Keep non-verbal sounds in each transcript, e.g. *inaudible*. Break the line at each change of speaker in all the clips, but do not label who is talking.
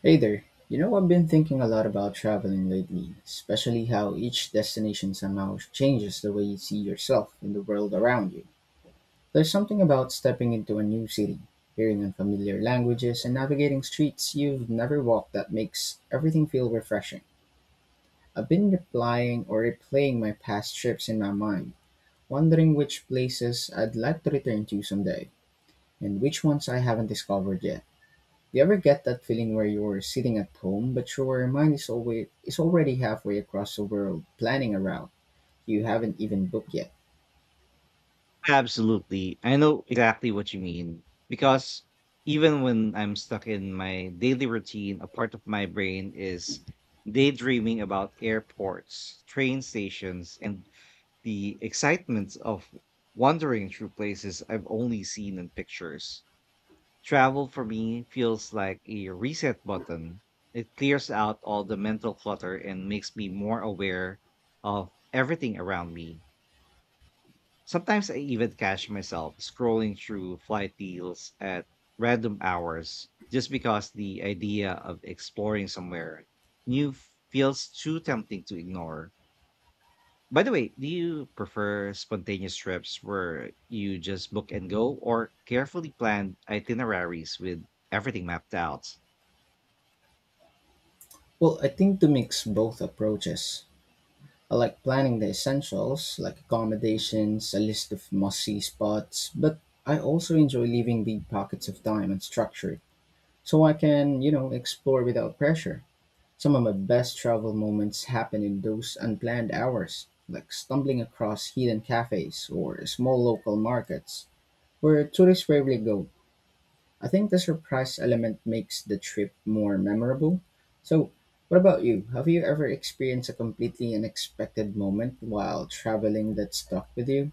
Hey there. You know, I've been thinking a lot about traveling lately, especially how each destination somehow changes the way you see yourself and the world around you. There's something about stepping into a new city, hearing unfamiliar languages, and navigating streets you've never walked that makes everything feel refreshing. I've been replying or replaying my past trips in my mind, wondering which places I'd like to return to someday, and which ones I haven't discovered yet. Do you ever get that feeling where you're sitting at home, but your mind is always is already halfway across the world planning a route you haven't even booked yet?
Absolutely. I know exactly what you mean because even when I'm stuck in my daily routine, a part of my brain is daydreaming about airports, train stations, and the excitement of wandering through places I've only seen in pictures. Travel for me feels like a reset button. It clears out all the mental clutter and makes me more aware of everything around me. Sometimes I even catch myself scrolling through flight deals at random hours just because the idea of exploring somewhere new feels too tempting to ignore. By the way, do you prefer spontaneous trips where you just book and go, or carefully planned itineraries with everything mapped out?
Well, I think to mix both approaches. I like planning the essentials, like accommodations, a list of must-see spots, but I also enjoy leaving big pockets of time and structure, so I can, you know, explore without pressure. Some of my best travel moments happen in those unplanned hours, like stumbling across hidden cafes or small local markets where tourists rarely go. I think the surprise element makes the trip more memorable. So, what about you? Have you ever experienced a completely unexpected moment while traveling that stuck with you?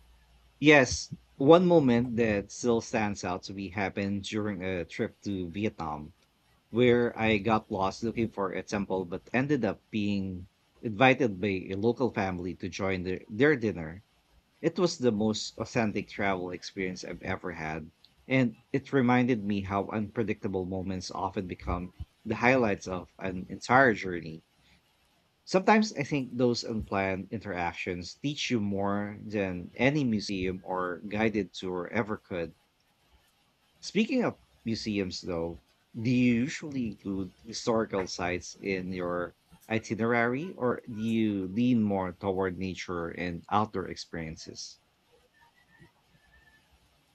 Yes, one moment that still stands out to me happened during a trip to Vietnam, where I got lost looking for a temple but ended up being invited by a local family to join their dinner. It was the most authentic travel experience I've ever had, and it reminded me how unpredictable moments often become the highlights of an entire journey. Sometimes I think those unplanned interactions teach you more than any museum or guided tour ever could. Speaking of museums, though, do you usually include historical sites in your itinerary, or do you lean more toward nature and outdoor experiences?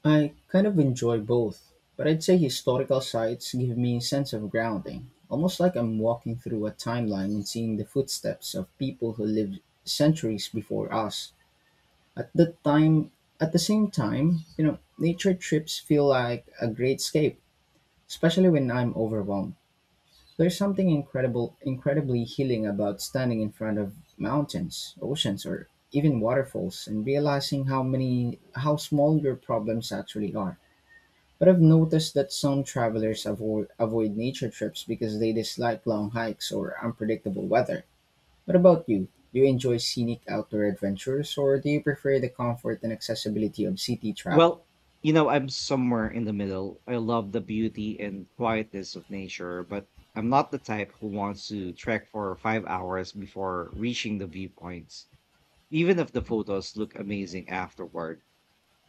I kind of enjoy both, but I'd say historical sites give me a sense of grounding, almost like I'm walking through a timeline and seeing the footsteps of people who lived centuries before us. At the time, at the same time, you know, nature trips feel like a great escape, especially when I'm overwhelmed. There's something incredibly healing about standing in front of mountains, oceans, or even waterfalls and realizing how small your problems actually are. But I've noticed that some travelers avoid nature trips because they dislike long hikes or unpredictable weather. What about you? Do you enjoy scenic outdoor adventures or do you prefer the comfort and accessibility of city travel?
Well, you know, I'm somewhere in the middle. I love the beauty and quietness of nature, but I'm not the type who wants to trek for 5 hours before reaching the viewpoints, even if the photos look amazing afterward.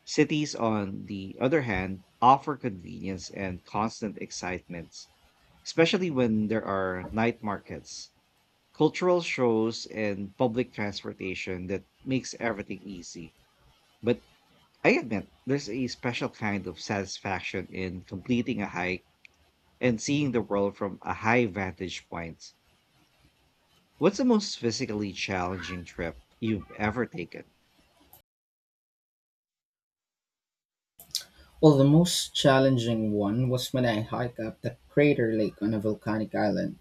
Cities, on the other hand, offer convenience and constant excitement, especially when there are night markets, cultural shows, and public transportation that makes everything easy. But I admit there's a special kind of satisfaction in completing a hike and seeing the world from a high vantage point. What's the most physically challenging trip you've ever taken?
Well, the most challenging one was when I hiked up the crater lake on a volcanic island.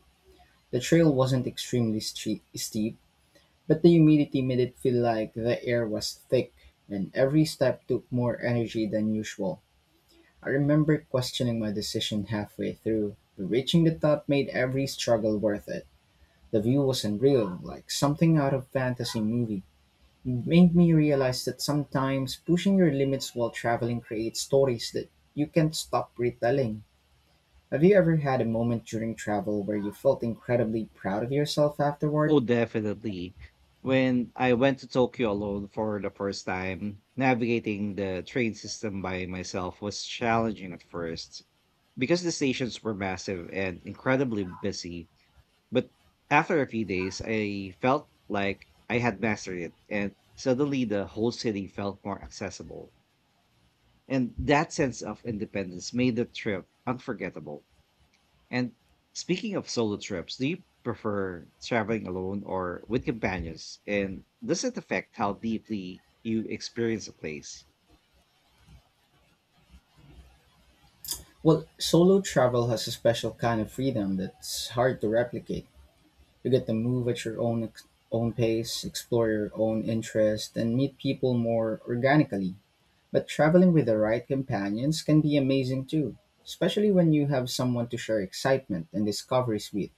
The trail wasn't extremely steep, but the humidity made it feel like the air was thick and every step took more energy than usual. I remember questioning my decision halfway through, but reaching the top made every struggle worth it. The view was unreal, like something out of fantasy movie. It made me realize that sometimes pushing your limits while traveling creates stories that you can't stop retelling. Have you ever had a moment during travel where you felt incredibly proud of yourself afterward?
Oh, definitely. When I went to Tokyo alone for the first time, navigating the train system by myself was challenging at first because the stations were massive and incredibly busy. But after a few days, I felt like I had mastered it, and suddenly the whole city felt more accessible. And that sense of independence made the trip unforgettable. And speaking of solo trips, do you prefer traveling alone or with companions? And does it affect how deeply you experience a place?
Well, solo travel has a special kind of freedom that's hard to replicate. You get to move at your own pace, explore your own interests, and meet people more organically. But traveling with the right companions can be amazing too, especially when you have someone to share excitement and discoveries with.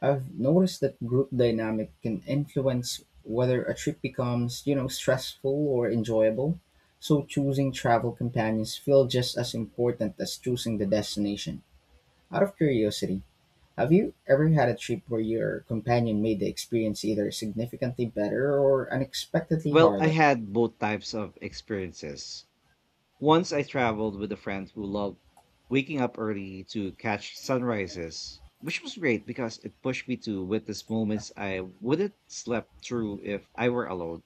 I've noticed that group dynamic can influence whether a trip becomes, you know, stressful or enjoyable. So choosing travel companions feel just as important as choosing the destination. Out of curiosity, have you ever had a trip where your companion made the experience either significantly better or unexpectedly
Well, I
harder?
had both types of experiences. Once I traveled with a friend who loved waking up early to catch sunrises, which was great because it pushed me to witness moments I wouldn't slept through if I were alone.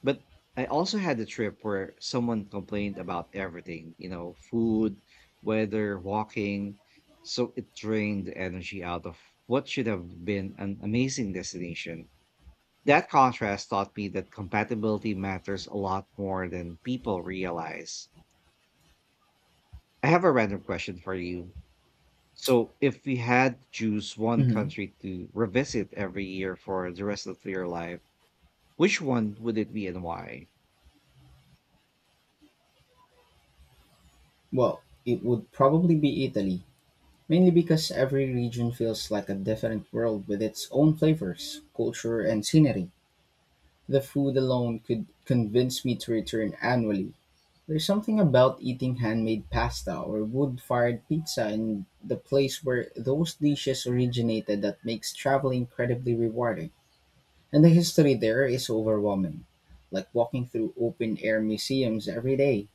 But I also had a trip where someone complained about everything, you know, food, weather, walking. So it drained the energy out of what should have been an amazing destination. That contrast taught me that compatibility matters a lot more than people realize. I have a random question for you. So, if we had to choose one
Hmm.
country to revisit every year for the rest of your life, which one would it be and why?
Well, it would probably be Italy, mainly because every region feels like a different world with its own flavors, culture, and scenery. The food alone could convince me to return annually. There's something about eating handmade pasta or wood fired pizza in the place where those dishes originated that makes travel incredibly rewarding. And the history there is overwhelming, like walking through open air museums every day.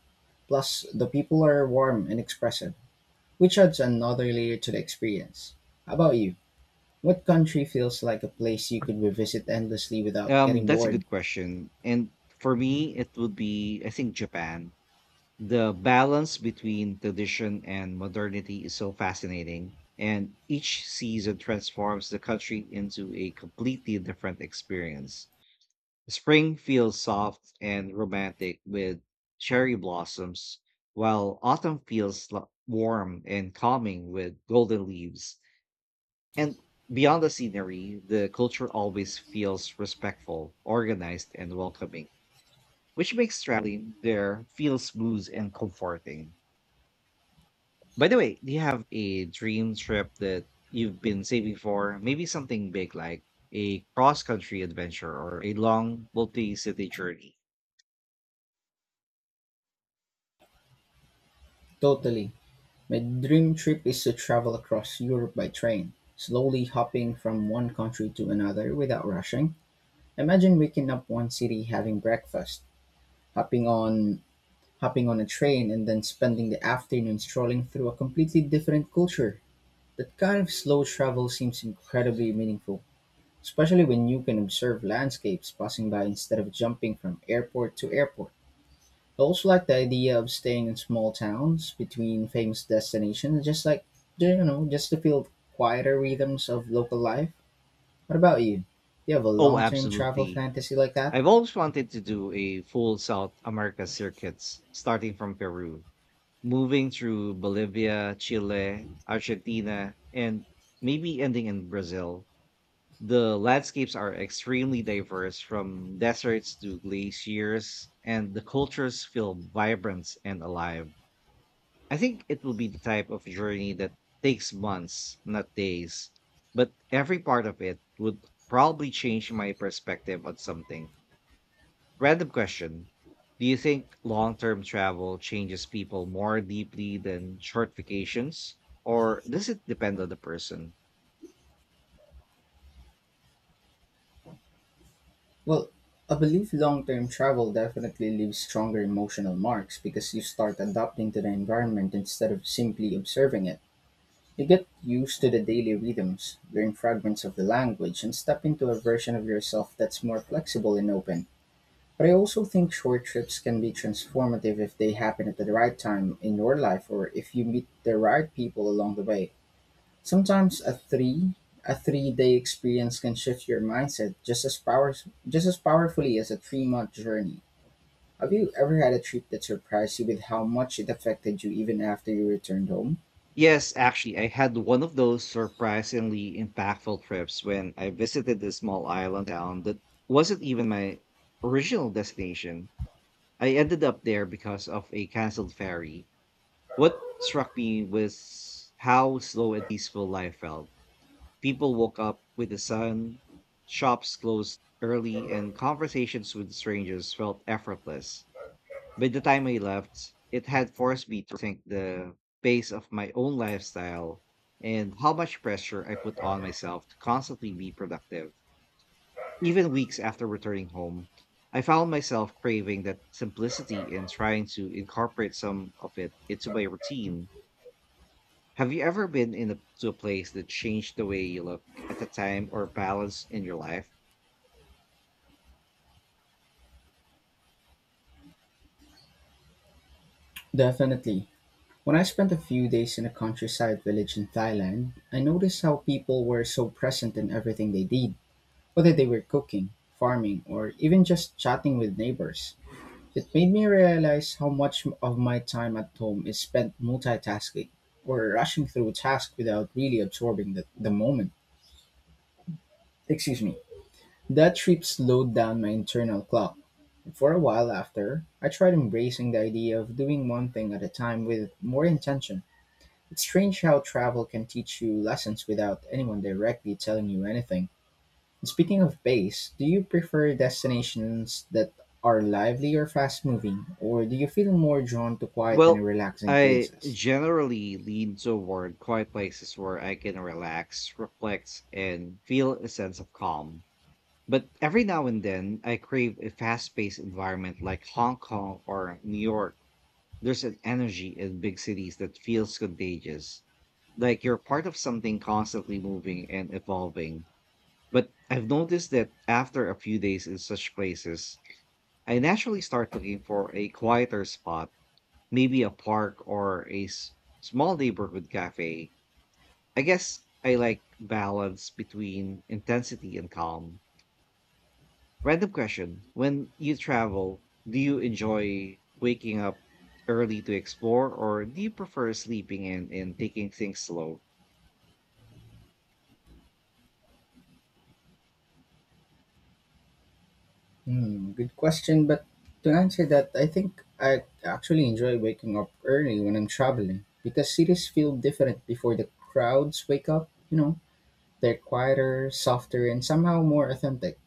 Plus, the people are warm and expressive, which adds another layer to the experience. How about you? What country feels like a place you could revisit endlessly without getting
That's a
bored?
good question. And for me, it would be, I think, Japan. The balance between tradition and modernity is so fascinating. And each season transforms the country into a completely different experience. Spring feels soft and romantic with cherry blossoms, while autumn feels warm and calming with golden leaves. And beyond the scenery, the culture always feels respectful, organized, and welcoming, which makes traveling there feel smooth and comforting. By the way, do you have a dream trip that you've been saving for? Maybe something big like a cross country adventure or a long multi city journey?
Totally. My dream trip is to travel across Europe by train, slowly hopping from one country to another without rushing. Imagine waking up one city having breakfast, hopping on hopping on a train and then spending the afternoon strolling through a completely different culture. That kind of slow travel seems incredibly meaningful, especially when you can observe landscapes passing by instead of jumping from airport to airport. I also like the idea of staying in small towns between famous destinations, just like, you know, just to feel quieter rhythms of local life. What about you? Do you have a
Oh,
long term travel
absolutely.
fantasy like that?
I've always wanted to do a full South America circuits starting from Peru, moving through Bolivia, Chile, Argentina, and maybe ending in Brazil. The landscapes are extremely diverse, from deserts to glaciers, and the cultures feel vibrant and alive. I think it will be the type of journey that takes months, not days, but every part of it would probably change my perspective on something. Random question. Do you think long term travel changes people more deeply than short vacations? Or does it depend on the person?
Well, I believe long term travel definitely leaves stronger emotional marks because you start adapting to the environment instead of simply observing it. You get used to the daily rhythms, learn fragments of the language, and step into a version of yourself that's more flexible and open. But I also think short trips can be transformative if they happen at the right time in your life or if you meet the right people along the way. Sometimes a 3-day experience can shift your mindset just as powerfully as a 3-month journey. Have you ever had a trip that surprised you with how much it affected you even after you returned home?
Yes, actually, I had one of those surprisingly impactful trips when I visited a small island town that wasn't even my original destination. I ended up there because of a canceled ferry. What struck me was how slow and peaceful life felt. People woke up with the sun, shops closed early, and conversations with strangers felt effortless. By the time I left, it had forced me to think the pace of my own lifestyle and how much pressure I put on myself to constantly be productive. Even weeks after returning home, I found myself craving that simplicity and trying to incorporate some of it into my routine. Have you ever been to a place that changed the way you look at the time or balance in your life?
Definitely. When I spent a few days in a countryside village in Thailand, I noticed how people were so present in everything they did, whether they were cooking, farming, or even just chatting with neighbors. It made me realize how much of my time at home is spent multitasking or rushing through tasks without really absorbing the moment. Excuse me. That trip slowed down my internal clock. For a while after, I tried embracing the idea of doing one thing at a time with more intention. It's strange how travel can teach you lessons without anyone directly telling you anything. Speaking of pace, do you prefer destinations that are lively or fast moving, or do you feel more drawn to quiet and
Well,
relaxing
I
places?
generally lean toward quiet places where I can relax, reflect, and feel a sense of calm. But every now and then, I crave a fast paced environment like Hong Kong or New York. There's an energy in big cities that feels contagious, like you're part of something constantly moving and evolving. But I've noticed that after a few days in such places, I naturally start looking for a quieter spot, maybe a park or a small neighborhood cafe. I guess I like balance between intensity and calm. Random question. When you travel, do you enjoy waking up early to explore, or do you prefer sleeping in and taking things slow?
Hmm, good question, but to answer that, I think I actually enjoy waking up early when I'm traveling because cities feel different before the crowds wake up, you know, they're quieter, softer, and somehow more authentic.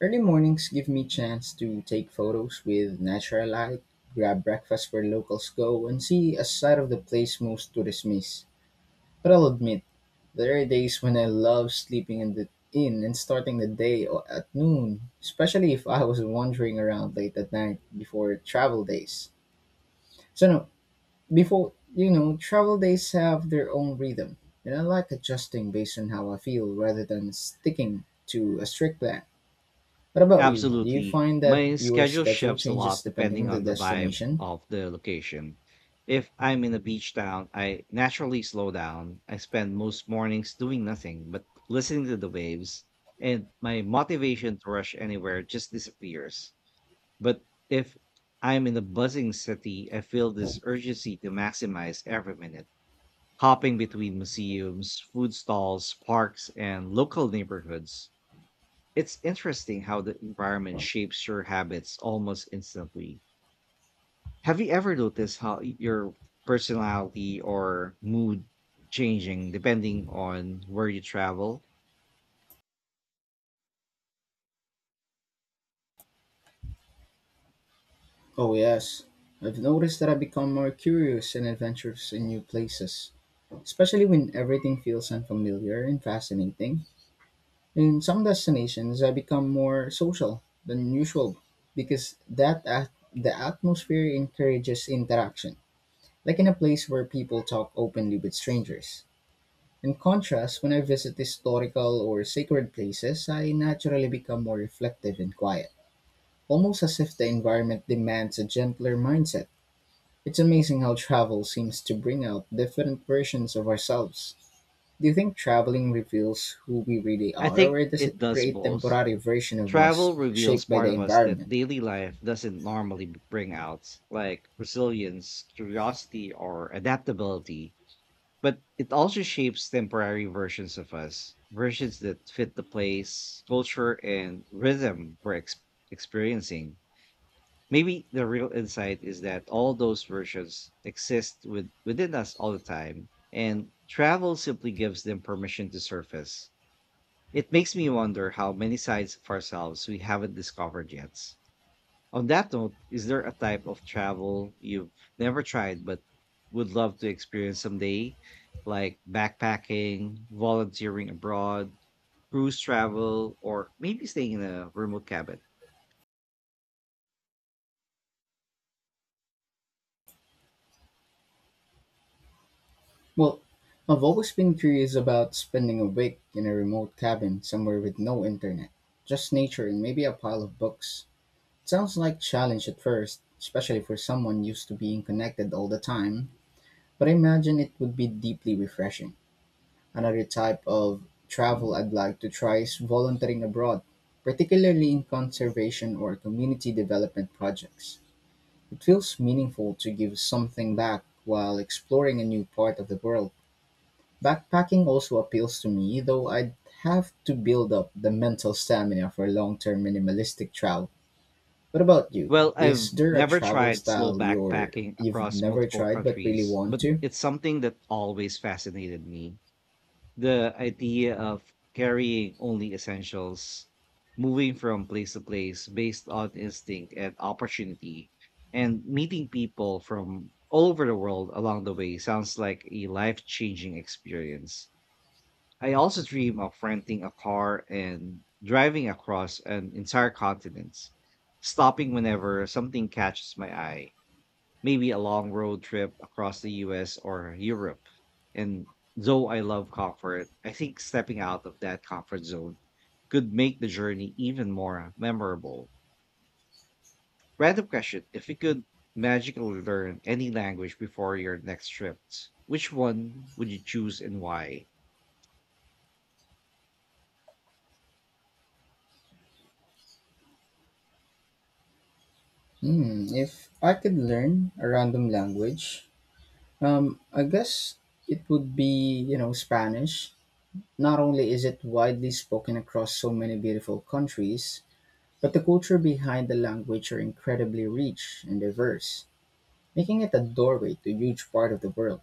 Early mornings give me chance to take photos with natural light, grab breakfast where locals go, and see a side of the place most tourists miss. But I'll admit, there are days when I love sleeping in the inn and starting the day at noon, especially if I was wandering around late at night before travel days. So no, before you know, travel days have their own rhythm, and I like adjusting based on how I feel rather than sticking to a strict plan. What about you? Do you
Absolutely.
find that
My
your
schedule
schedule
shifts a
changes
lot
depending
depending
on the
on the vibe
destination?
of the location. If I'm in a beach town, I naturally slow down. I spend most mornings doing nothing but listening to the waves, and my motivation to rush anywhere just disappears. But if I'm in a buzzing city, I feel this urgency to maximize every minute, hopping between museums, food stalls, parks, and local neighborhoods. It's interesting how the environment shapes your habits almost instantly. Have you ever noticed how your personality or mood changing depending on where you travel?
Oh, yes. I've noticed that I become more curious and adventurous in new places, especially when everything feels unfamiliar and fascinating. In some destinations, I become more social than usual because the atmosphere encourages interaction, like in a place where people talk openly with strangers. In contrast, when I visit historical or sacred places, I naturally become more reflective and quiet, almost as if the environment demands a gentler mindset. It's amazing how travel seems to bring out different versions of ourselves. Do you think traveling reveals who we really
I
are,
think
or does it
it does
create
both.
temporary version of
Travel
us
reveals
shaped by
part
the
of us that
environment?
daily life doesn't normally bring out, like resilience, curiosity, or adaptability. But it also shapes temporary versions of us, versions that fit the place, culture, and rhythm we're experiencing. Maybe the real insight is that all those versions exist within us all the time, and travel simply gives them permission to surface. It makes me wonder how many sides of ourselves we haven't discovered yet. On that note, is there a type of travel you've never tried but would love to experience someday, like backpacking, volunteering abroad, cruise travel, or maybe staying in a remote cabin?
Well, I've always been curious about spending a week in a remote cabin somewhere with no internet, just nature and maybe a pile of books. Sounds like challenge at first, especially for someone used to being connected all the time, but I imagine it would be deeply refreshing. Another type of travel I'd like to try is volunteering abroad, particularly in conservation or community development projects. It feels meaningful to give something back while exploring a new part of the world. Backpacking also appeals to me, though I'd have to build up the mental stamina for long term minimalistic travel. What about you?
Well,
Is
I've
there a
never
travel
tried slow
style
backpacking
you've
across
never
multiple
tried but really
countries,
want
but
to?
it's something that always fascinated me. The idea of carrying only essentials, moving from place to place based on instinct and opportunity, and meeting people from all over the world along the way sounds like a life changing experience. I also dream of renting a car and driving across an entire continent, stopping whenever something catches my eye, maybe a long road trip across the US or Europe. And though I love comfort, I think stepping out of that comfort zone could make the journey even more memorable. Random question. If you could magically learn any language before your next trip, which one would you choose and why?
Hmm, if I could learn a random language, I guess it would be, you know, Spanish. Not only is it widely spoken across so many beautiful countries, but the culture behind the language are incredibly rich and diverse, making it a doorway to a huge part of the world.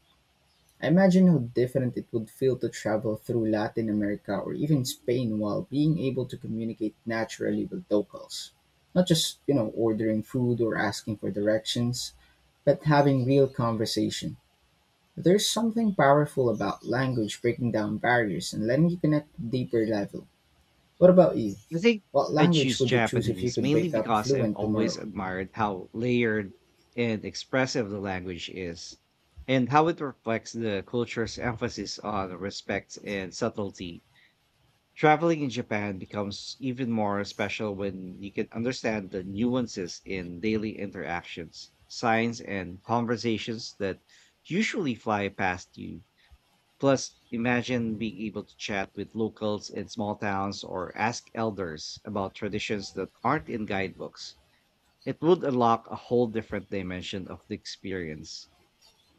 I imagine how different it would feel to travel through Latin America or even Spain while being able to communicate naturally with locals. Not just, you know, ordering food or asking for directions, but having real conversation. There's something powerful about language breaking down barriers and letting you connect at a deeper level. What about you?
I think
What
I
language
choose
would you choose if you
Japanese
could
mainly
wake up
because I've
fluent
always
tomorrow?
admired how layered and expressive the language is, and how it reflects the culture's emphasis on respect and subtlety. Traveling in Japan becomes even more special when you can understand the nuances in daily interactions, signs, and conversations that usually fly past you. Plus, imagine being able to chat with locals in small towns or ask elders about traditions that aren't in guidebooks. It would unlock a whole different dimension of the experience.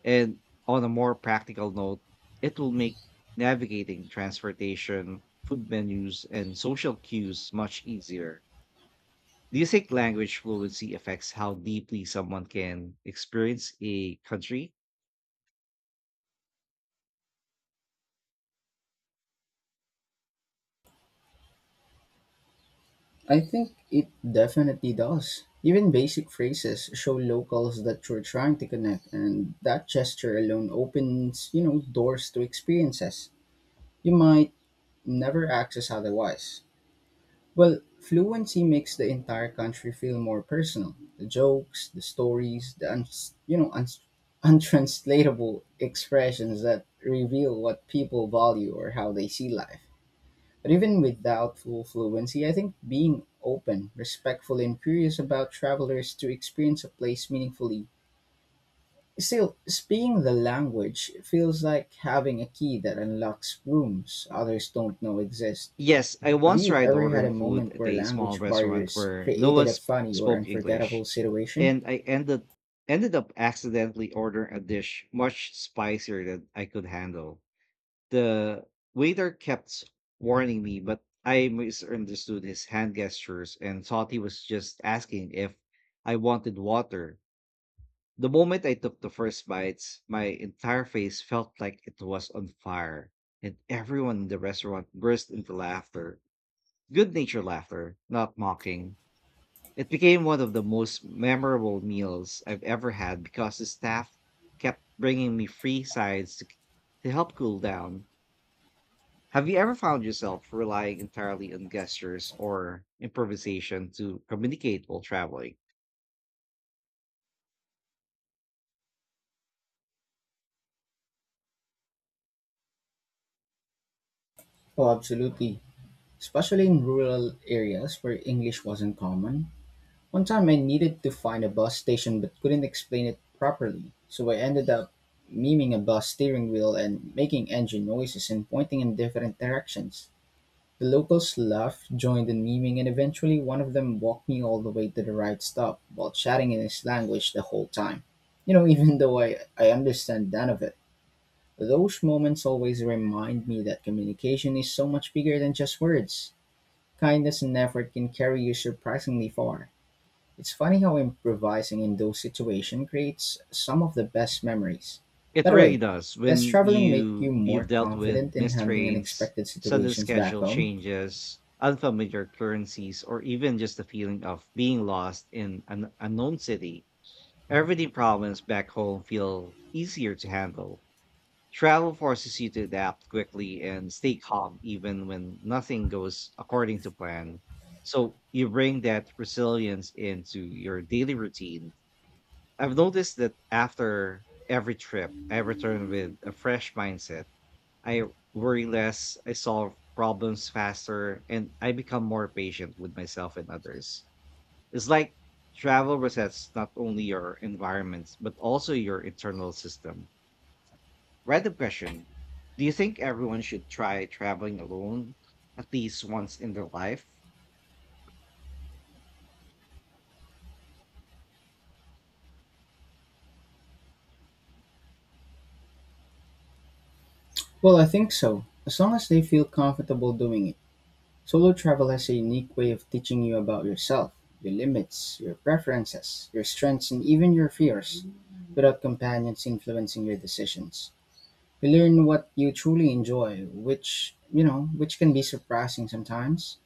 And on a more practical note, it will make navigating transportation, food menus, and social cues much easier. Do you think language fluency affects how deeply someone can experience a country?
I think it definitely does. Even basic phrases show locals that you're trying to connect, and that gesture alone opens, you know, doors to experiences you might never access otherwise. Well, fluency makes the entire country feel more personal. The jokes, the stories, the *laughs* untranslatable expressions that reveal what people value or how they see life. But even without full fluency, I think being open, respectful, and curious about travelers to experience a place meaningfully. Still, speaking the language feels like having a key that unlocks rooms others don't know exist.
Yes, I
Have
once
you
tried
ever had
ordering
a
food
moment
at
where
a small
language
restaurant
barriers
where no
created
one
a funny or
spoke English,
unforgettable situation?
and I ended up accidentally ordering a dish much spicier than I could handle. The waiter kept warning me, but I misunderstood his hand gestures and thought he was just asking if I wanted water. The moment I took the first bites, my entire face felt like it was on fire, and everyone in the restaurant burst into laughter. Good natured laughter, not mocking. It became one of the most memorable meals I've ever had because the staff kept bringing me free sides to help cool down. Have you ever found yourself relying entirely on gestures or improvisation to communicate while traveling?
Oh, absolutely. Especially in rural areas where English wasn't common. One time I needed to find a bus station but couldn't explain it properly, so I ended up miming a bus steering wheel and making engine noises and pointing in different directions. The locals laughed, joined in miming, and eventually one of them walked me all the way to the right stop while chatting in his language the whole time. *laughs* Even though I understand none of it. Those moments always remind me that communication is so much bigger than just words. Kindness and effort can carry you surprisingly far. It's funny how improvising in those situations creates some of the best memories.
It
By the
really
way,
does.
does
When
traveling make you
you've
more
dealt with
confident in
missed
handling
trains,
unexpected
sudden
situations back
schedule
home?
changes, unfamiliar currencies, or even just the feeling of being lost in an unknown city, everyday problems back home feel easier to handle. Travel forces you to adapt quickly and stay calm even when nothing goes according to plan. So you bring that resilience into your daily routine. I've noticed that after every trip, I return with a fresh mindset. I worry less, I solve problems faster, and I become more patient with myself and others. It's like travel resets not only your environments, but also your internal system. Random question. Do you think everyone should try traveling alone at least once in their life?
Well, I think so, as long as they feel comfortable doing it. Solo travel has a unique way of teaching you about yourself, your limits, your preferences, your strengths, and even your fears, without companions influencing your decisions. You learn what you truly enjoy, which can be surprising sometimes.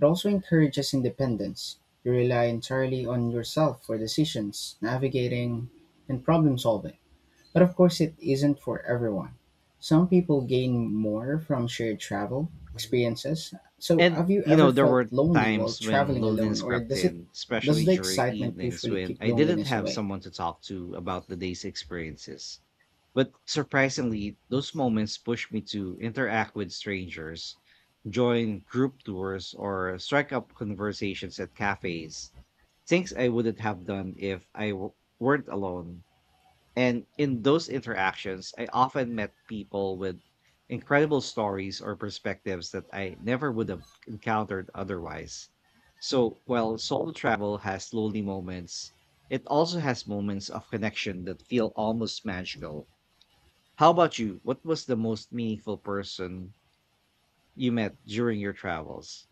It also encourages independence; you rely entirely on yourself for decisions, navigating, and problem-solving. But of course it isn't for everyone. Some people gain more from shared travel experiences. So
And
have you
you
ever
know, there
felt
were
lonely while
times when
traveling alone,
loneliness
or
crept in,
does
especially
the
during
excitement
evenings
usually
when
keep
I didn't
loneliness
have
away?
someone to talk to about the day's experiences. But surprisingly, those moments pushed me to interact with strangers, join group tours, or strike up conversations at cafes. Things I wouldn't have done if I weren't alone. And in those interactions, I often met people with incredible stories or perspectives that I never would have encountered otherwise. So, while solo travel has lonely moments, it also has moments of connection that feel almost magical. How about you? What was the most meaningful person you met during your travels?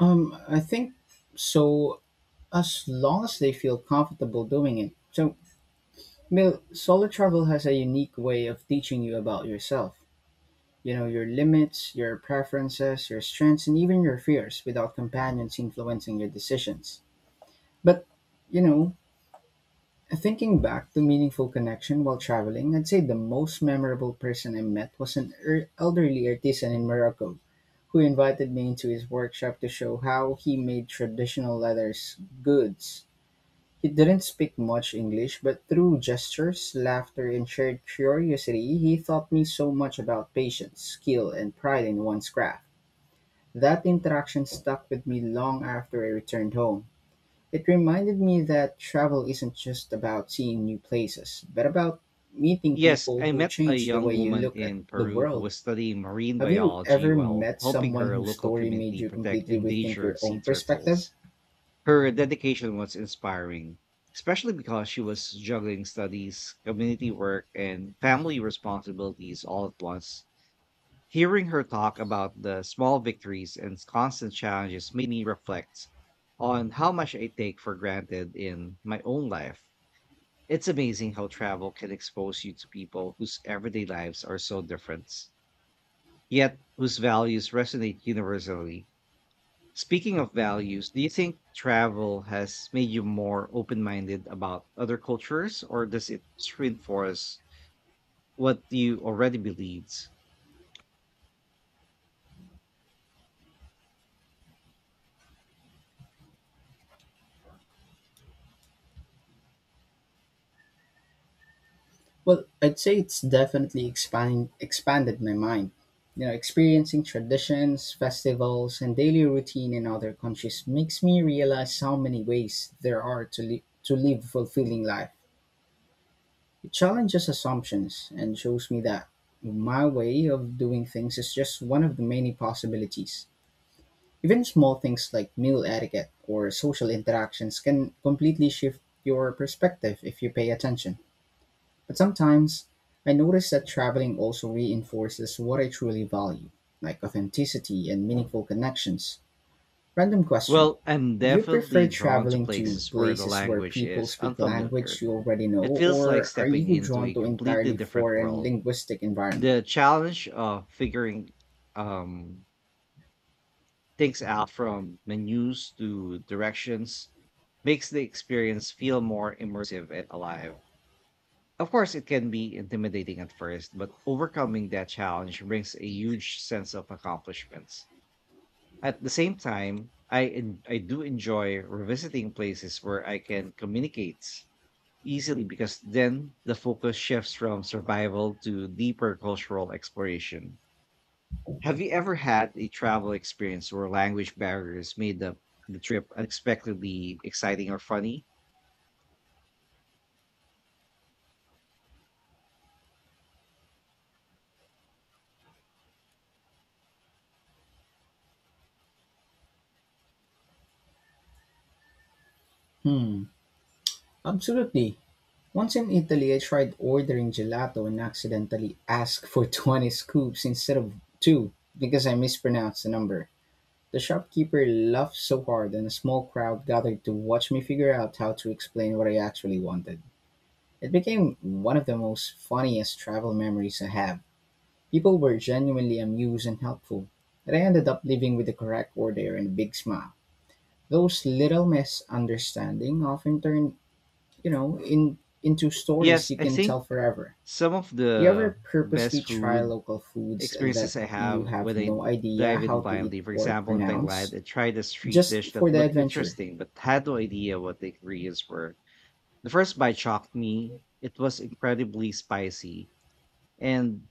I think so, as long as they feel comfortable doing it. So Mil, solo travel has a unique way of teaching you about yourself. You know, your limits, your preferences, your strengths, and even your fears without companions influencing your decisions. But, you know, thinking back to meaningful connection while traveling, I'd say the most memorable person I met was an elderly artisan in Morocco who invited me into his workshop to show how he made traditional leathers goods. He didn't speak much English, but through gestures, laughter, and shared curiosity, he taught me so much about patience, skill, and pride in one's craft. That interaction stuck with me long after I returned home. It reminded me that travel isn't just about seeing new places, but about meeting
Yes,
people
I
who
met a
change the
young
way you
woman
look at
in
the
Peru who
world.
was studying marine
Have you
biology
ever
while
met
helping
someone
her
whose
local
story made
community
you
protect
completely rethink your
endangered sea
own perspective?
turtles. Her dedication was inspiring, especially because she was juggling studies, community work, and family responsibilities all at once. Hearing her talk about the small victories and constant challenges made me reflect on how much I take for granted in my own life. It's amazing how travel can expose you to people whose everyday lives are so different, yet whose values resonate universally. Speaking of values, do you think travel has made you more open minded about other cultures, or does it reinforce what you already believed?
Well, I'd say it's definitely expanded my mind. You know, experiencing traditions, festivals, and daily routine in other countries makes me realize how many ways there are to, to live a fulfilling life. It challenges assumptions and shows me that my way of doing things is just one of the many possibilities. Even small things like meal etiquette or social interactions can completely shift your perspective if you pay attention. But sometimes, I notice that traveling also reinforces what I truly value, like authenticity and meaningful connections. Random question.
Well, I'm
Do you
definitely
prefer
drawn to
traveling to
places where the
places where
language
people
is
speak
unfamiliar.
language you already
It
know,
feels like
or are
stepping
you
into
drawn
a
to
completely
entirely
different
foreign
world.
linguistic environment?
The challenge of figuring um, things out from menus to directions makes the experience feel more immersive and alive. Of course, it can be intimidating at first, but overcoming that challenge brings a huge sense of accomplishments. At the same time, I I do enjoy revisiting places where I can communicate easily because then the focus shifts from survival to deeper cultural exploration. Have you ever had a travel experience where language barriers made the trip unexpectedly exciting or funny?
Hmm, absolutely. Once in Italy, I tried ordering gelato and accidentally asked for *laughs* 20 scoops instead of two because I mispronounced the number. The shopkeeper laughed so hard, and a small crowd gathered to watch me figure out how to explain what I actually wanted. It became one of the most funniest travel memories I have. People were genuinely amused and helpful, and I ended up leaving with the correct order and a big smile. Those little misunderstandings often turn, you know, in into stories
Yes,
you
I
can
think
tell forever.
some of
Do you
the
ever purposely
best
try
food
local foods that
experiences I have
you have
when I
no idea
dive in
how to eat
blindly. For
or
example, in Thailand,
pronounce
I tried a street
just
dish that
for the
looked
adventure?
interesting but had no idea what the ingredients were. The first bite shocked me. It was incredibly spicy, and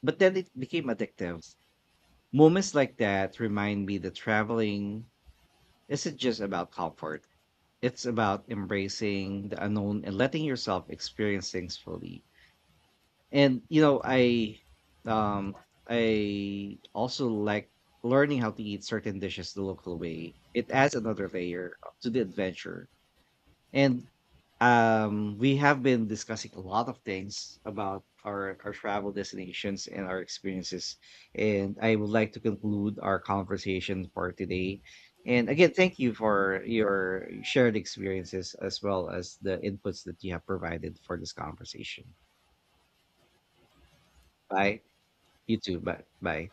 but then it became addictive. Moments like that remind me that traveling isn't just about comfort. It's about embracing the unknown and letting yourself experience things fully. And you know, I um I also like learning how to eat certain dishes the local way. It adds another layer to the adventure. And we have been discussing a lot of things about our travel destinations and our experiences. And I would like to conclude our conversation for today. And again, thank you for your shared experiences as well as the inputs that you have provided for this conversation. Bye. 一直买买